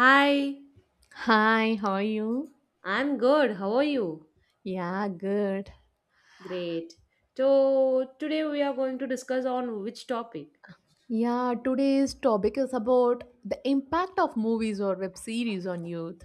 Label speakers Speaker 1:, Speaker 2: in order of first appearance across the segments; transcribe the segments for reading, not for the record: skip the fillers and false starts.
Speaker 1: Hi,
Speaker 2: Hi, how are you?
Speaker 1: I'm good. How are you?
Speaker 2: Yeah, good.
Speaker 1: Great. So today we are going to discuss on which topic?
Speaker 2: Yeah, today's topic is about the impact of movies or web series on youth.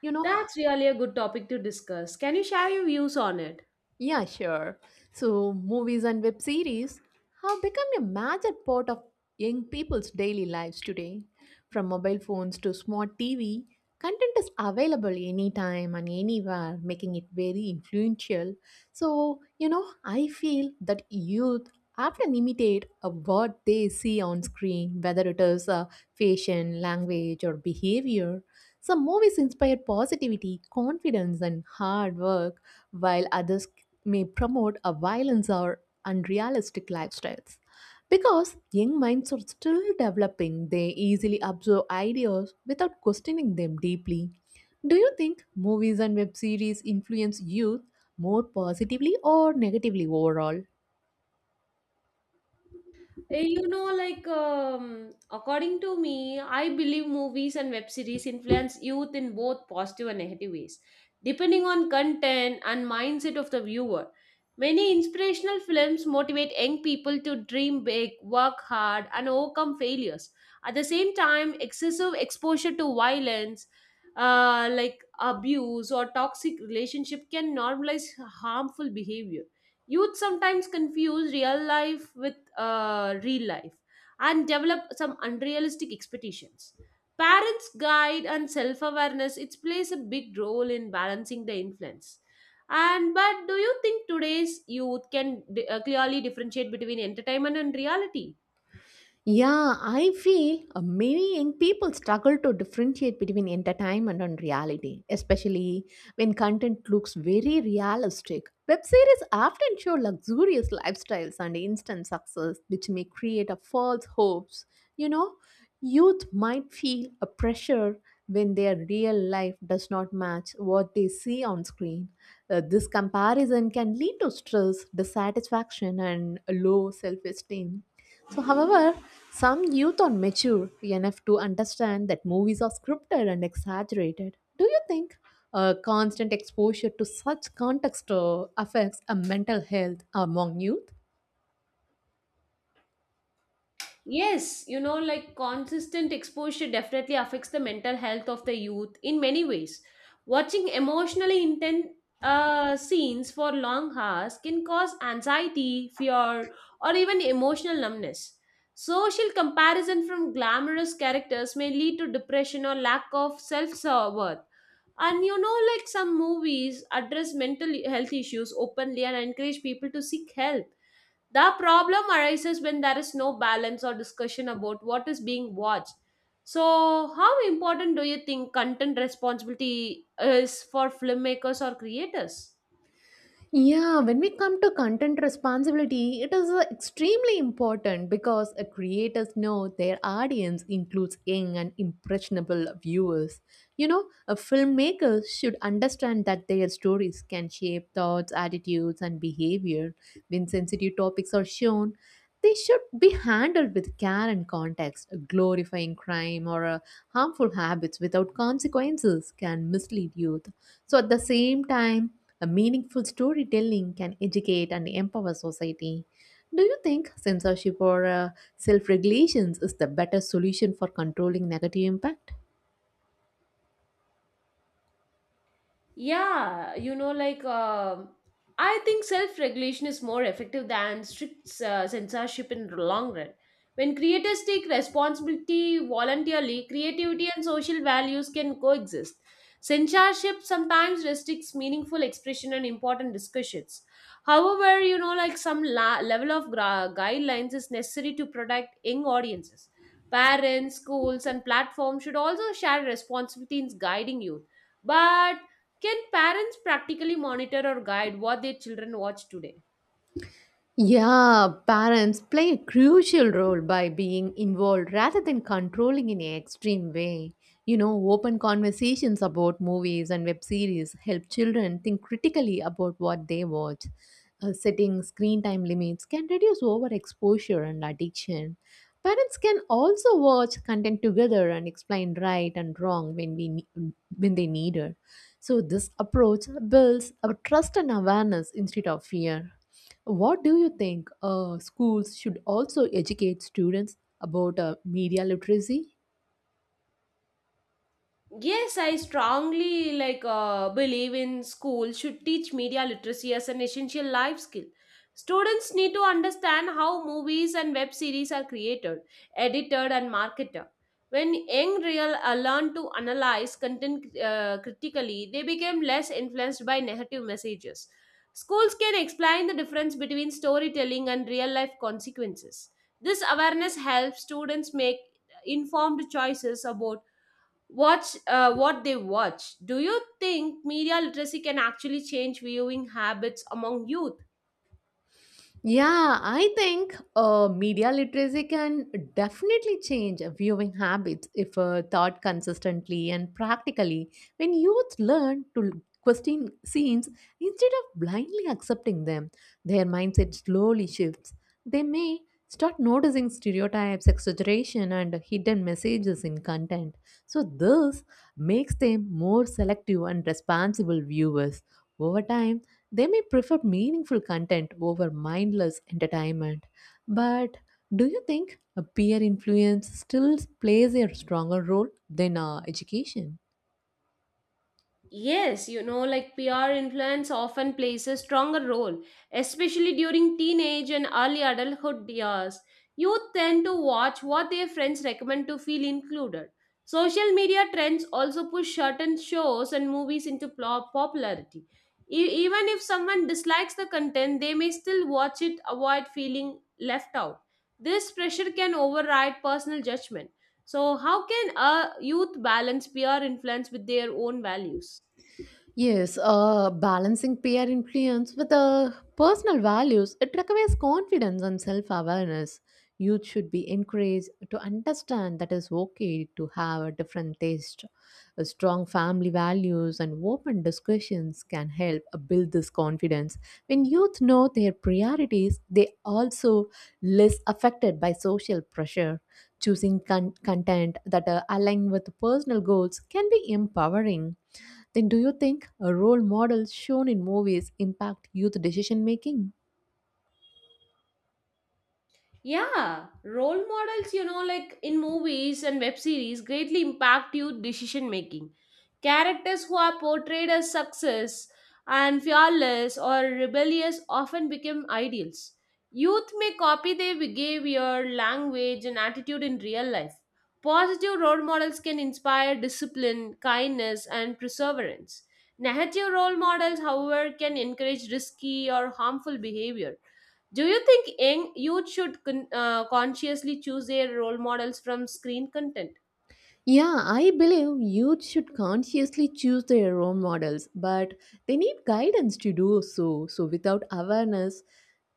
Speaker 2: You know,
Speaker 1: That's really a good topic to discuss. Can you share your views on it?
Speaker 2: Yeah, sure. So, movies and web series have become a major part of young people's daily lives today. From mobile phones to smart TV, content is available anytime and anywhere, making it very influential. So, I feel that youth often imitate what they see on screen, whether it is fashion, language, or behavior. Some movies inspire positivity, confidence, and hard work while others may promote a violence or unrealistic lifestyles. Because young minds are still developing, they easily absorb ideas without questioning them deeply. Do you think movies and web series influence youth more positively or negatively overall?
Speaker 1: According to me, I believe movies and web series influence youth in both positive and negative ways, depending on content and mindset of the viewer. Many inspirational films motivate young people to dream big, work hard, and overcome failures. At the same time, excessive exposure to violence, like abuse or toxic relationship, can normalize harmful behavior. Youth sometimes confuse real life with real life and develop some unrealistic expectations. Parents' guide and self awareness it plays a big role in balancing the influence. And but do you think today's youth can clearly differentiate between entertainment and reality?
Speaker 2: Yeah, I feel many young people struggle to differentiate between entertainment and reality, especially when content looks very realistic. Web series often show luxurious lifestyles and instant success, which may create a false hopes. You know, Youth might feel a pressure when their real life does not match what they see on screen. This comparison can lead to stress, dissatisfaction, and low self esteem. So, however, some youth are mature enough to understand that movies are scripted and exaggerated. Do you think constant exposure to such context affects a mental health among youth?
Speaker 1: Yes, you know, like consistent exposure definitely affects the mental health of the youth in many ways. Watching emotionally intense scenes for long hours can cause anxiety, fear, or even emotional numbness. Social comparison from glamorous characters may lead to depression or lack of self worth. And you know, like some movies address mental health issues openly and encourage people to seek help. The problem arises when there is no balance or discussion about what is being watched. So, how important do you think content responsibility is for filmmakers or creators?
Speaker 2: Yeah, when we come to content responsibility, it is extremely important because creators know their audience includes young and impressionable viewers. Filmmakers should understand that their stories can shape thoughts, attitudes, and behavior. When sensitive topics are shown, they should be handled with care and context. Glorifying crime or harmful habits without consequences can mislead youth so, at the same time, a meaningful storytelling can educate and empower society. Do you think censorship or self regulations is the better solution for controlling negative impact?
Speaker 1: Yeah, I think self-regulation is more effective than strict censorship in the long run. When creators take responsibility voluntarily, creativity and social values can coexist. Censorship sometimes restricts meaningful expression and important discussions. However, you know, like some level of guidelines is necessary to protect young audiences. Parents, schools, and platforms should also share responsibility in guiding youth, but can parents practically monitor or guide what their children watch today?
Speaker 2: Yeah, parents play a crucial role by being involved rather than controlling in an extreme way. Open conversations about movies and web series help children think critically about what they watch. Setting screen time limits can reduce overexposure and addiction. Parents can also watch content together and explain right and wrong when when they need it. So this approach builds a trust and awareness instead of fear. What do you think schools should also educate students about media literacy?
Speaker 1: Yes, I strongly believe in school should teach media literacy as an essential life skill. Students need to understand how movies and web series are created, edited and marketed. When young real learn to analyze content critically, they become less influenced by negative messages. Schools can explain the difference between storytelling and real life consequences. This awareness helps students make informed choices about watch what they watch. Do you think media literacy can actually change viewing habits among youth?
Speaker 2: Yeah, I think media literacy can definitely change viewing habits if taught consistently and practically. When youth learn to question scenes instead of blindly accepting them, their mindset slowly shifts. They may start noticing stereotypes, exaggeration, and hidden messages in content. So, this makes them more selective and responsible viewers. Over time, they may prefer meaningful content over mindless entertainment. But do you think a peer influence still plays a stronger role than education?
Speaker 1: Yes, you know, like PR influence often plays a stronger role, especially during teenage and early adulthood years. Youth tend to watch what their friends recommend to feel included. Social media trends also push certain shows and movies into popularity. Even if someone dislikes the content, they may still watch it, avoid feeling left out. This pressure can override personal judgment. So, how can a youth balance peer influence with their own values?
Speaker 2: Yes, balancing peer influence with personal values, it requires confidence and self-awareness. Youth should be encouraged to understand that it's okay to have a different taste. A strong family values and open discussions can help build this confidence. When youth know their priorities, they also less affected by social pressure. Choosing content that align with personal goals can be empowering then, do you think a role models shown in movies impact youth decision making?
Speaker 1: Yeah, role models, you know, like in movies and web series, greatly impact youth decision making. Characters who are portrayed as success and fearless or rebellious often become ideals. Youth may copy their behavior, language, and attitude in real life. Positive role models can inspire discipline, kindness, and perseverance. Negative role models, however, can encourage risky or harmful behavior. Do you think young youth should consciously choose their role models from screen content?
Speaker 2: Yeah, I believe youth should consciously choose their role models, but they need guidance to do so. So, without awareness,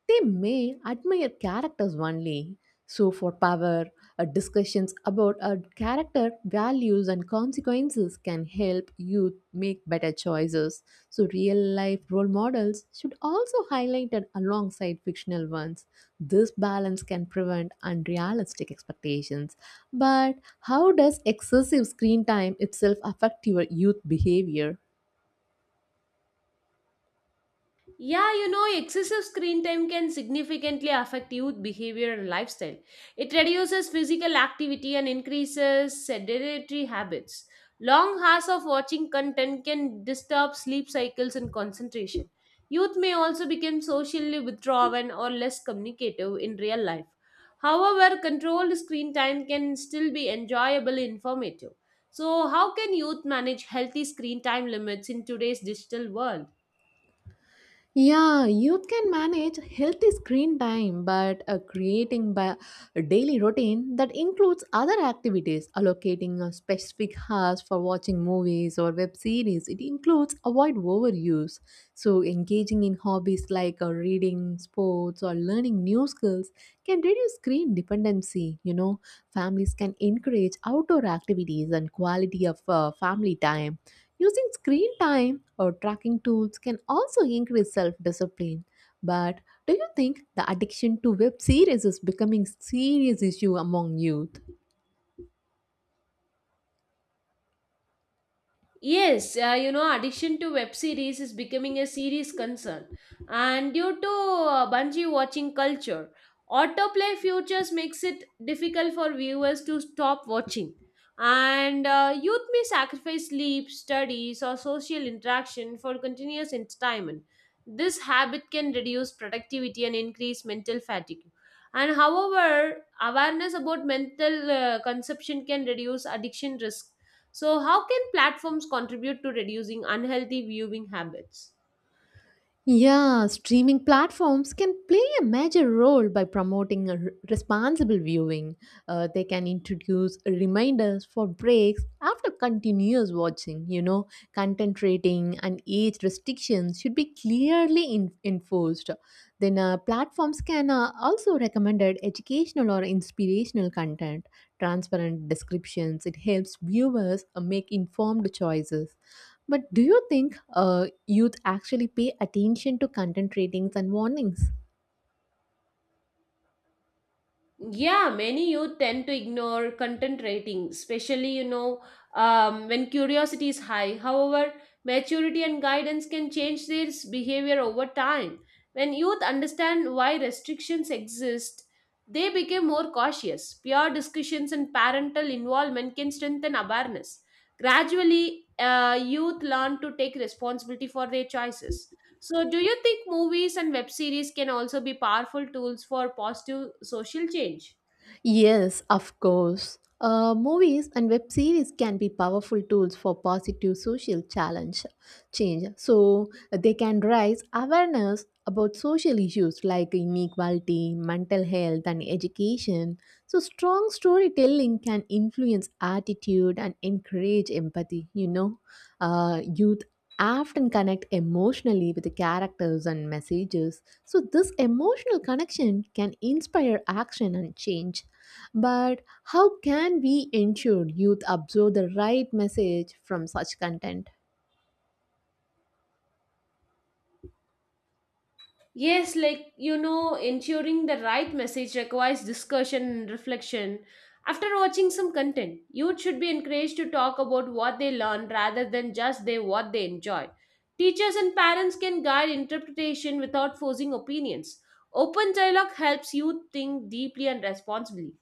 Speaker 2: they may admire characters only. So, for power, discussions about a character values and consequences can help youth make better choices. So, real life role models should also highlighted alongside fictional ones. This balance can prevent unrealistic expectations, but how does excessive screen time itself affect your youth behavior?
Speaker 1: Yeah, you know, excessive screen time can significantly affect youth behavior and lifestyle. It reduces physical activity and increases sedentary habits. Long hours of watching content can disturb sleep cycles and concentration. Youth may also become socially withdrawn or less communicative in real life. However, controlled screen time can still be enjoyable and informative. So, how can youth manage healthy screen time limits in today's digital world?
Speaker 2: Yeah, youth can manage healthy screen time, but creating a daily routine that includes other activities, allocating a specific hours for watching movies or web series, it includes avoid overuse. So, engaging in hobbies like reading, sports, or learning new skills can reduce screen dependency. Families can encourage outdoor activities and quality of family time. Using screen time or tracking tools can also increase self discipline. But do you think the addiction to web series is becoming serious issue among youth?
Speaker 1: Addiction to web series is becoming a serious concern. And due to bungee watching culture, autoplay features makes it difficult for viewers to stop watching. And youth may sacrifice sleep, studies, or social interaction for continuous entertainment. This habit can reduce productivity and increase mental fatigue. And however, awareness about mental consumption can reduce addiction risk. So, how can platforms contribute to reducing unhealthy viewing habits?
Speaker 2: Yeah, streaming platforms can play a major role by promoting responsible viewing. They can introduce reminders for breaks after continuous watching. Content rating and age restrictions should be clearly enforced. Then, platforms can also recommend educational or inspirational content. Transparent descriptions. It helps viewers make informed choices. But do you think youth actually pay attention to content ratings and warnings?
Speaker 1: Yeah, many youth tend to ignore content rating, especially when curiosity is high. However, maturity and guidance can change their behavior over time. When youth understand why restrictions exist, they become more cautious. Peer discussions and parental involvement can strengthen awareness. Gradually, youth learn to take responsibility for their choices. So, do you think movies and web series can also be powerful tools for positive social change?
Speaker 2: Yes, of course. Movies and web series can be powerful tools for positive social challenge change. So they can raise awareness about social issues like inequality, mental health, and education. So strong storytelling can influence attitude and encourage empathy. Youth often connect emotionally with the characters and messages. So this emotional connection can inspire action and change. But how can we ensure youth absorb the right message from such content?
Speaker 1: Yes, like you know, ensuring the right message requires discussion and reflection. After watching some content, youth should be encouraged to talk about what they learned rather than just they what they enjoy. Teachers and parents can guide interpretation without forcing opinions. Open dialogue helps youth think deeply and responsibly.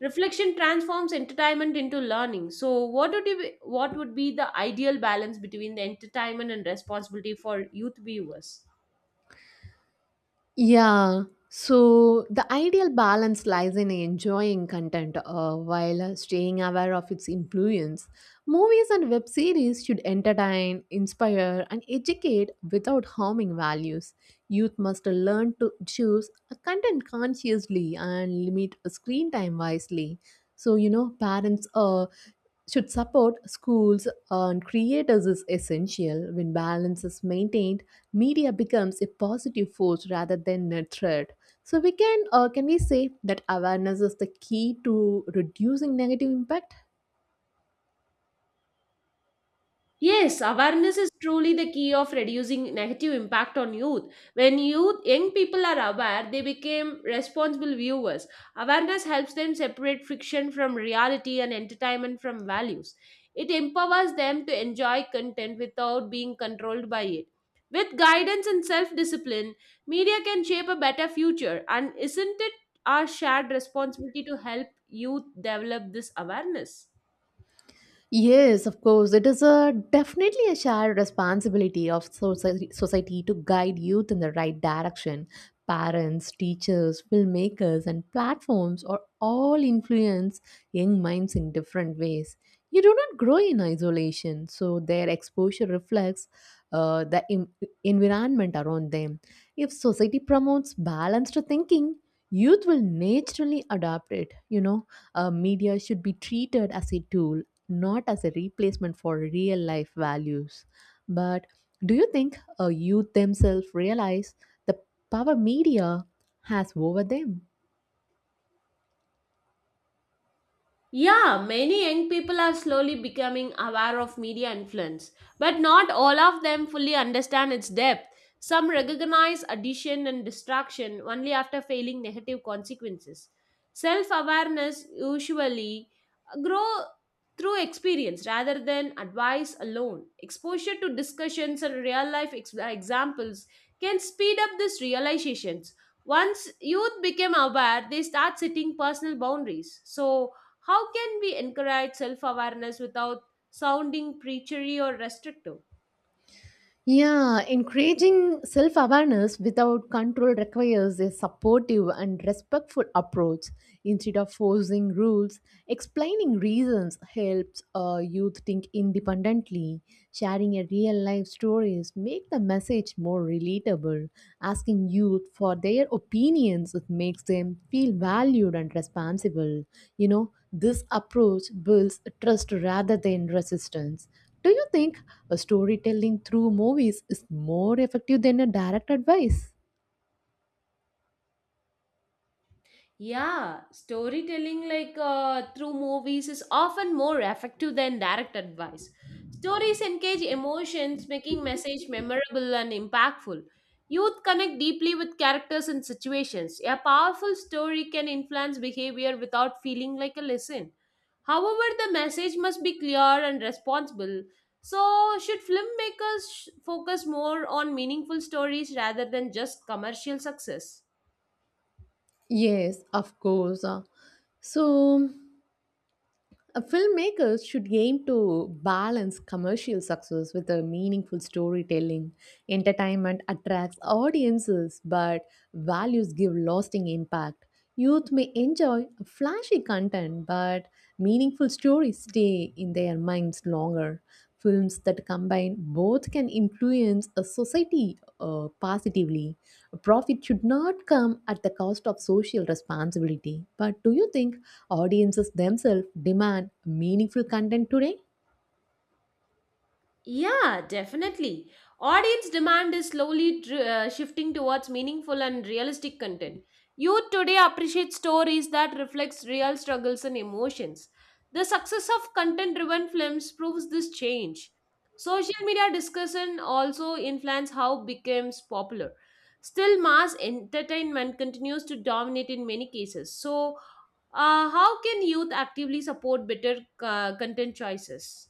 Speaker 1: Reflection transforms entertainment into learning. So, what would be the ideal balance between the entertainment and responsibility for youth viewers?
Speaker 2: Yeah, so the ideal balance lies in enjoying content while staying aware of its influence. Movies and web series should entertain, inspire, and educate without harming values. Youth must learn to choose a content consciously and limit screen time wisely. So, parents should support schools and creators is essential. When balance is maintained, media becomes a positive force rather than a threat. So we can we say that awareness is the key to reducing negative impact?
Speaker 1: Yes, awareness is truly the key of reducing negative impact on youth. When young people are aware, they become responsible viewers. Awareness helps them separate friction from reality and entertainment from values. It empowers them to enjoy content without being controlled by it. With guidance and self discipline, media can shape a better future. And isn't it our shared responsibility to help youth develop this awareness?
Speaker 2: Yes, of course. It is a definitely a shared responsibility of society to guide youth in the right direction. Parents, teachers, filmmakers, and platforms are all influence young minds in different ways. You do not grow in isolation, so their exposure reflects uh, the em- environment around them. If society promotes balanced thinking, youth will naturally adapt it. Media should be treated as a tool, not as a replacement for real life values. But do you think youth themselves realize the power media has over them?
Speaker 1: Yeah, many young people are slowly becoming aware of media influence, but not all of them fully understand its depth. Some recognize addition and distraction only after failing negative consequences. Self awareness usually grow through experience rather than advice alone. Exposure to discussions and real life examples can speed up these realizations. Once youth become aware, they start setting personal boundaries. So, how can we encourage self awareness without sounding preachery or restrictive?
Speaker 2: Yeah, encouraging self awareness without control requires a supportive and respectful approach. Instead of forcing rules, explaining reasons helps youth think independently. Sharing a real life stories make the message more relatable. Asking youth for their opinions it makes them feel valued and responsible. This approach builds trust rather than resistance do you think a storytelling through movies is more effective than a direct advice?
Speaker 1: Yeah, storytelling through movies is often more effective than direct advice. Stories engage emotions, making message memorable and impactful. Youth connect deeply with characters and situations. A powerful story can influence behavior without feeling like a lesson. However, the message must be clear and responsible. So, should filmmakers focus more on meaningful stories rather than just commercial success?
Speaker 2: Yes, of course. So, Filmmakers should aim to balance commercial success with a meaningful storytelling. Entertainment attracts audiences, but values give lasting impact. Youth may enjoy flashy content, but meaningful stories stay in their minds longer. Films that combine both can influence a society positively. Profit should not come at the cost of social responsibility. But do you think audiences themselves demand meaningful content today?
Speaker 1: Yeah, definitely. Audience demand is slowly shifting towards meaningful and realistic content. Youth today appreciate stories that reflects real struggles and emotions. The success of content-driven films proves this change. Social media discussion also influence how becomes popular. Still, mass entertainment continues to dominate in many cases. So, how can youth actively support better content choices?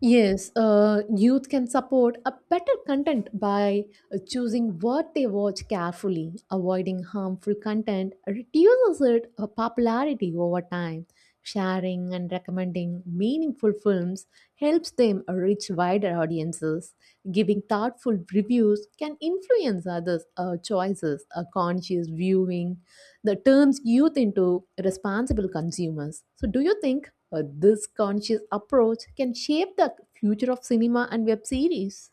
Speaker 2: Yes, youth can support a better content by choosing what they watch carefully. Avoiding harmful content reduces its popularity over time. Sharing and recommending meaningful films helps them reach wider audiences. Giving thoughtful reviews can influence others' choices. A conscious viewing that turns youth into responsible consumers. So, do you think? This conscious approach can shape the future of cinema and web series.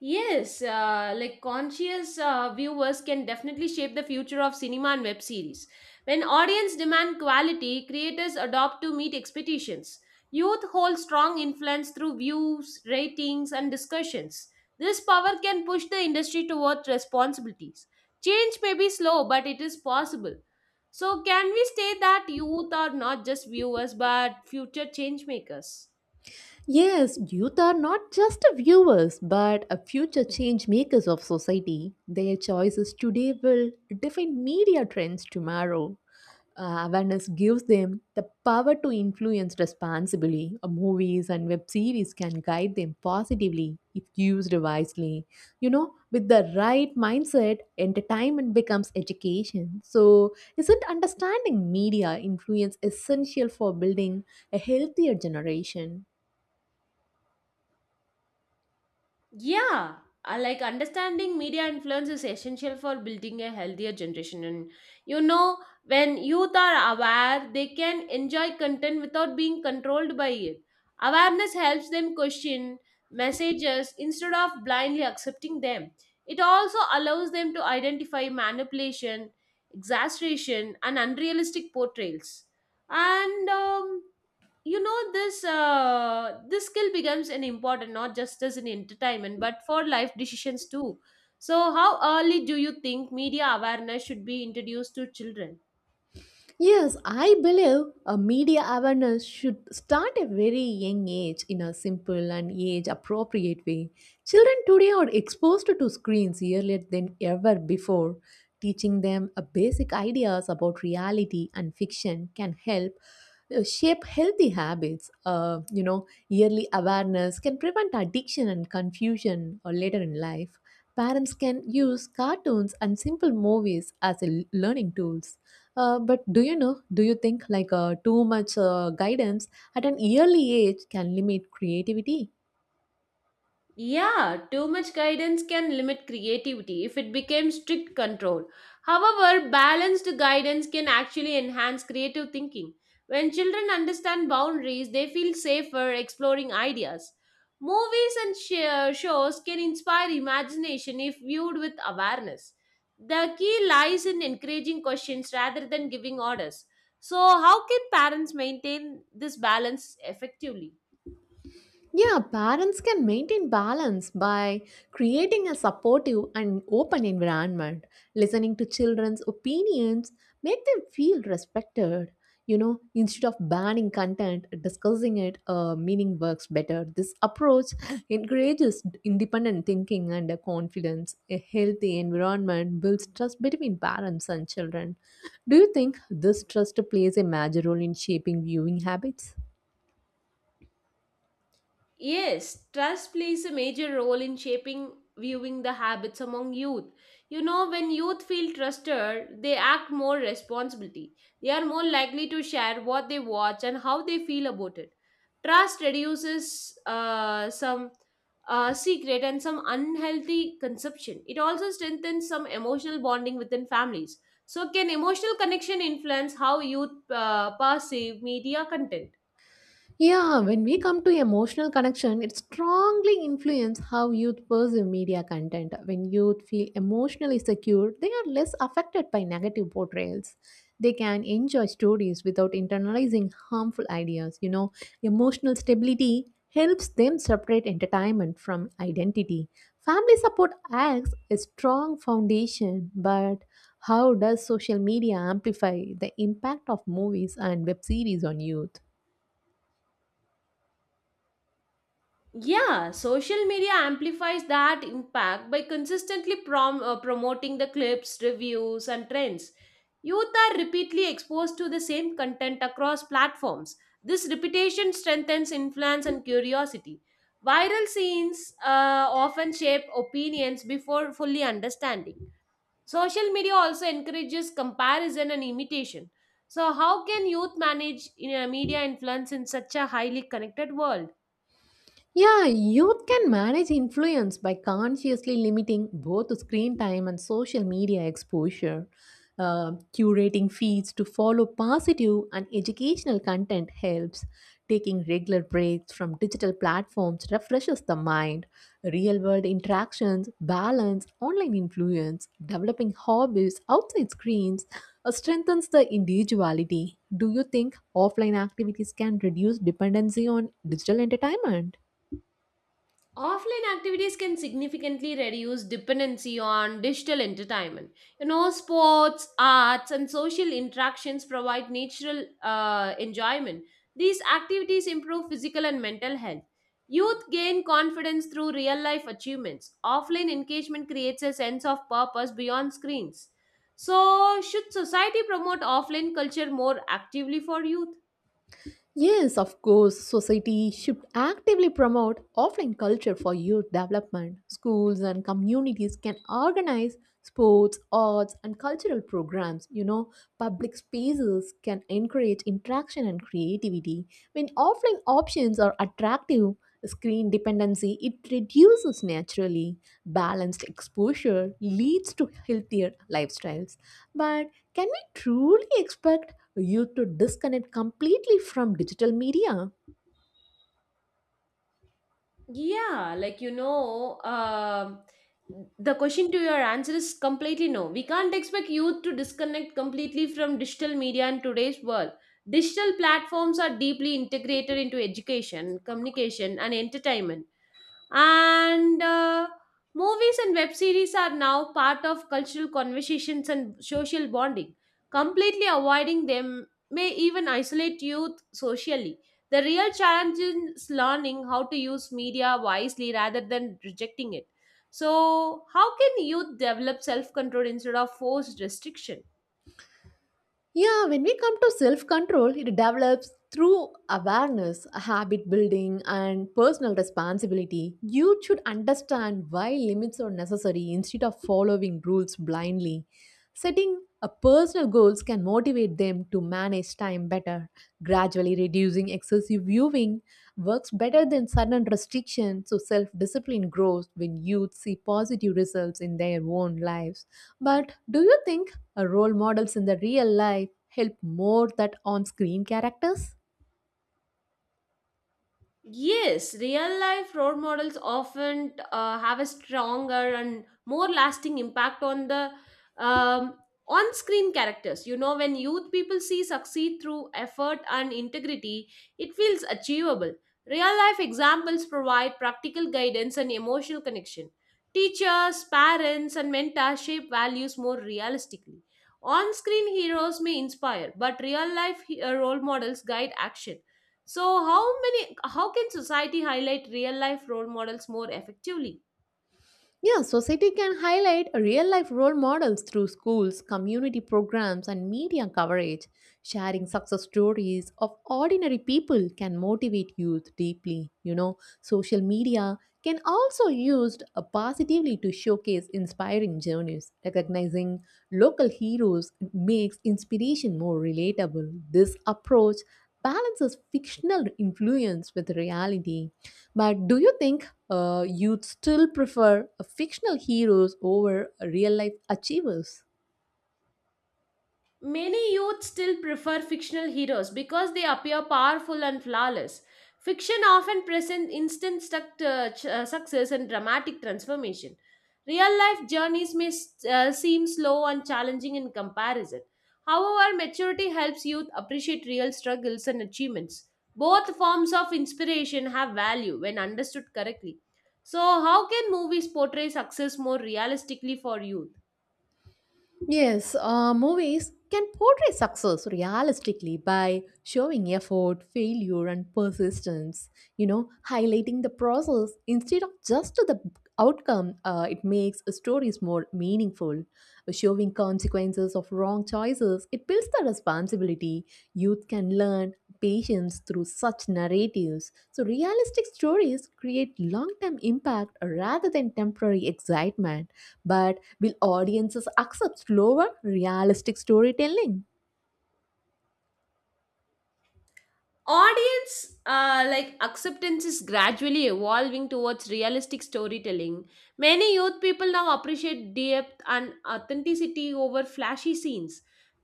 Speaker 1: Conscious viewers can definitely shape the future of cinema and web series. When audience demand quality, creators adopt to meet expectations. Youth hold strong influence through views, ratings, and discussions. This power can push the industry towards responsibilities. Change may be slow, but it is possible. So, can we say that youth are not just viewers but future change makers?
Speaker 2: Yes, youth are not just viewers but a future change makers of society. Their choices today will define media trends tomorrow. Awareness gives them the power to influence responsibly. Movies and web series can guide them positively if used wisely. With the right mindset, entertainment becomes education. So, isn't understanding media influence essential for building a healthier generation?
Speaker 1: Yeah, I like Understanding media influence is essential for building a healthier generation. And you know, when youth are aware, they can enjoy content without being controlled by it. Awareness helps them question messages instead of blindly accepting them. It also allows them to identify manipulation, exaggeration, and unrealistic portrayals. And you know this This skill becomes an important not just as an entertainment but for life decisions too. So how early do you think media awareness should be introduced to children?
Speaker 2: Yes, I believe a media awareness should start at a very young age in a simple and age appropriate way. Children today are exposed to screens earlier than ever before. Teaching them a basic ideas about reality and fiction can help shape healthy habits. Yearly awareness can prevent addiction and confusion or later in life. Parents can use cartoons and simple movies as a learning tools. But do you think like too much guidance at an early age can limit creativity?
Speaker 1: Yeah, too much guidance can limit creativity if it becomes strict control. However, balanced guidance can actually enhance creative thinking. When children understand boundaries, they feel safer exploring ideas. Movies and shows can inspire imagination if viewed with awareness. The key lies in encouraging questions rather than giving orders. So, how can parents maintain this balance effectively?
Speaker 2: Yeah, parents can maintain balance by creating a supportive and open environment, listening to children's opinions, make them feel respected. Instead of banning content, discussing it, meaning works better. This approach encourages independent thinking and confidence. A healthy environment builds trust between parents and children. Do you think this trust plays a major role in shaping viewing habits?
Speaker 1: Yes, trust plays a major role in shaping viewing the habits among youth. You know, when youth feel trusted, they act more responsibility. They are more likely to share what they watch and how they feel about it. Trust reduces some secret and some unhealthy consumption. It also strengthens some emotional bonding within families. So, can emotional connection influence how youth perceive media content?
Speaker 2: Yeah, when we come to emotional connection, it strongly influences how youth perceive media content. When youth feel emotionally secure, they are less affected by negative portrayals. They can enjoy stories without internalizing harmful ideas. Emotional stability helps them separate entertainment from identity. Family support acts a strong foundation, but how does social media amplify the impact of movies and web series on youth?
Speaker 1: Yeah, social media amplifies that impact by consistently promoting the clips, reviews, and trends. Youth are repeatedly exposed to the same content across platforms. This repetition strengthens influence and curiosity. Viral scenes often shape opinions before fully understanding. Social media also encourages comparison and imitation. So, how can youth manage you media influence in such a highly connected world?
Speaker 2: Yeah, youth can manage influence by consciously limiting both screen time and social media exposure. Curating feeds to follow positive and educational content helps. Taking regular breaks from digital platforms refreshes the mind. Real world interactions balance online influence. Developing hobbies outside screens strengthens the individuality. Do you think offline activities can reduce dependency on digital entertainment?
Speaker 1: Offline activities can significantly reduce dependency on digital entertainment. You know, sports, arts, and social interactions provide natural enjoyment. These activities improve physical and mental health. Youth gain confidence through real life achievements. Offline engagement creates a sense of purpose beyond screens. So, should society promote offline culture more actively for youth?
Speaker 2: Yes, of course, society should actively promote offline culture for youth development. Schools and communities can organize sports, arts, and cultural programs. You know, public spaces can encourage interaction and creativity. When offline options are attractive, screen dependency it reduces naturally, balanced exposure leads to healthier lifestyles, but can we truly expect you to disconnect completely from digital media?
Speaker 1: Yeah, like you know, um the question to your answer is completely no. We can't expect youth to disconnect completely from digital media in today's world. Digital platforms are deeply integrated into education, communication, and entertainment, and movies and web series are now part of cultural conversations and social bonding. Completely avoiding them may even isolate youth socially. The real challenge is learning how to use media wisely rather than rejecting it. So how can youth develop self control instead of forced restriction?
Speaker 2: Yeah, when we come to self control, it develops through awareness, habit building, and personal responsibility. You should understand why limits are necessary instead of following rules blindly. Setting a personal goals can motivate them to manage time better, gradually reducing excessive viewing works better than sudden restriction, so self discipline grows when youth see positive results in their own lives. But do you think role models in the real life help more than on screen characters?
Speaker 1: Yes, real life role models often have a stronger and more lasting impact on the um, on screen characters. You know, when youth people see succeed through effort and integrity, it feels achievable. Real life examples provide practical guidance and emotional connection. Teachers, parents, and mentors shape values more realistically. On screen heroes may inspire, but real life role models guide action. So how can society highlight real life role models more effectively?
Speaker 2: Yeah, society can highlight real life role models through schools, community programs, and media coverage. Sharing success stories of ordinary people can motivate youth deeply. You know, social media can also used positively to showcase inspiring journeys. Recognizing local heroes makes inspiration more relatable. This approach balances fictional influence with reality. But do you think you'd still prefer fictional heroes over real life achievers?
Speaker 1: Many youth still prefer fictional heroes because they appear powerful and flawless. Fiction often presents instant success and dramatic transformation. Real life journeys may seem slow and challenging in comparison. However, maturity helps youth appreciate real struggles and achievements. Both forms of inspiration have value when understood correctly. So, how can movies portray success more realistically for youth?
Speaker 2: Yes, movies can portray success realistically by showing effort, failure, and persistence, you know, highlighting the process instead of just the outcome. It makes stories more meaningful. Showing consequences of wrong choices, it builds the responsibility. Youth can learn patience through such narratives. So, realistic stories create long term impact rather than temporary excitement. But will audiences accept slower, realistic storytelling?
Speaker 1: Audience acceptance is gradually evolving towards realistic storytelling. Many youth people now appreciate depth and authenticity over flashy scenes.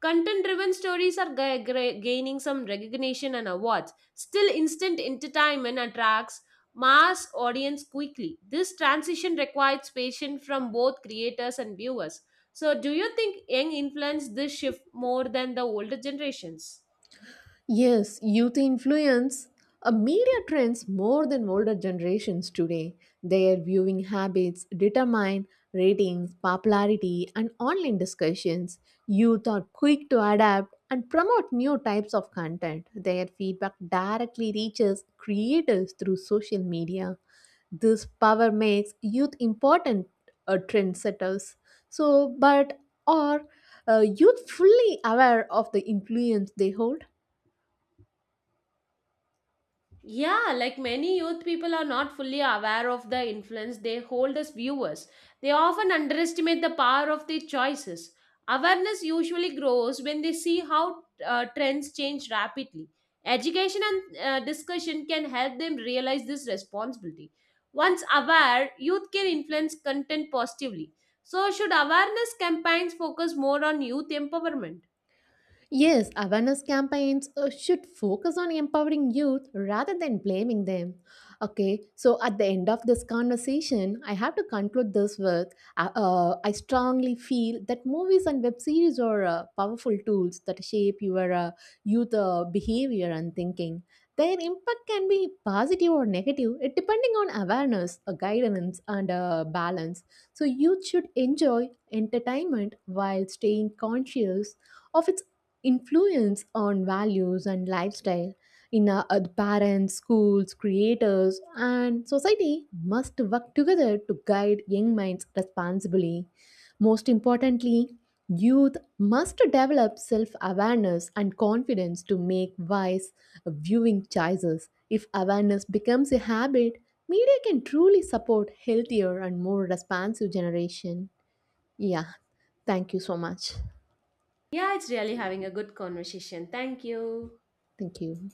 Speaker 1: Content driven stories are gaining some recognition and awards. Still, instant entertainment attracts mass audience quickly. This transition requires patience from both creators and viewers. So do you think young influence this shift more than the older generations?
Speaker 2: Yes, youth influence media trends more than older generations today. Their viewing habits determine ratings, popularity, and online discussions. Youth are quick to adapt and promote new types of content. Their feedback directly reaches creators through social media. This power makes youth important trendsetters. So, but are youth fully aware of the influence they hold?
Speaker 1: Many youth people are not fully aware of the influence they hold as viewers. They often underestimate the power of their choices. Awareness usually grows when they see how trends change rapidly. Education and discussion can help them realize this responsibility. Once aware, youth can influence content positively. So, should awareness campaigns focus more on youth empowerment?
Speaker 2: Yes, awareness campaigns should focus on empowering youth rather than blaming them. Okay, so at the end of this conversation, I have to conclude this with I strongly feel that movies and web series are powerful tools that shape your youth behavior and thinking. Their impact can be positive or negative, it depending on awareness, guidance, and balance. So, youth should enjoy entertainment while staying conscious of its influence on values and lifestyle in our parents, schools, creators, and society must work together to guide young minds responsibly. Most importantly, youth must develop self awareness and confidence to make wise viewing choices. If awareness becomes a habit, media can truly support healthier and more responsive generation. Yeah, thank you so much.
Speaker 1: Yeah, it's really having a good conversation. Thank you.
Speaker 2: Thank you.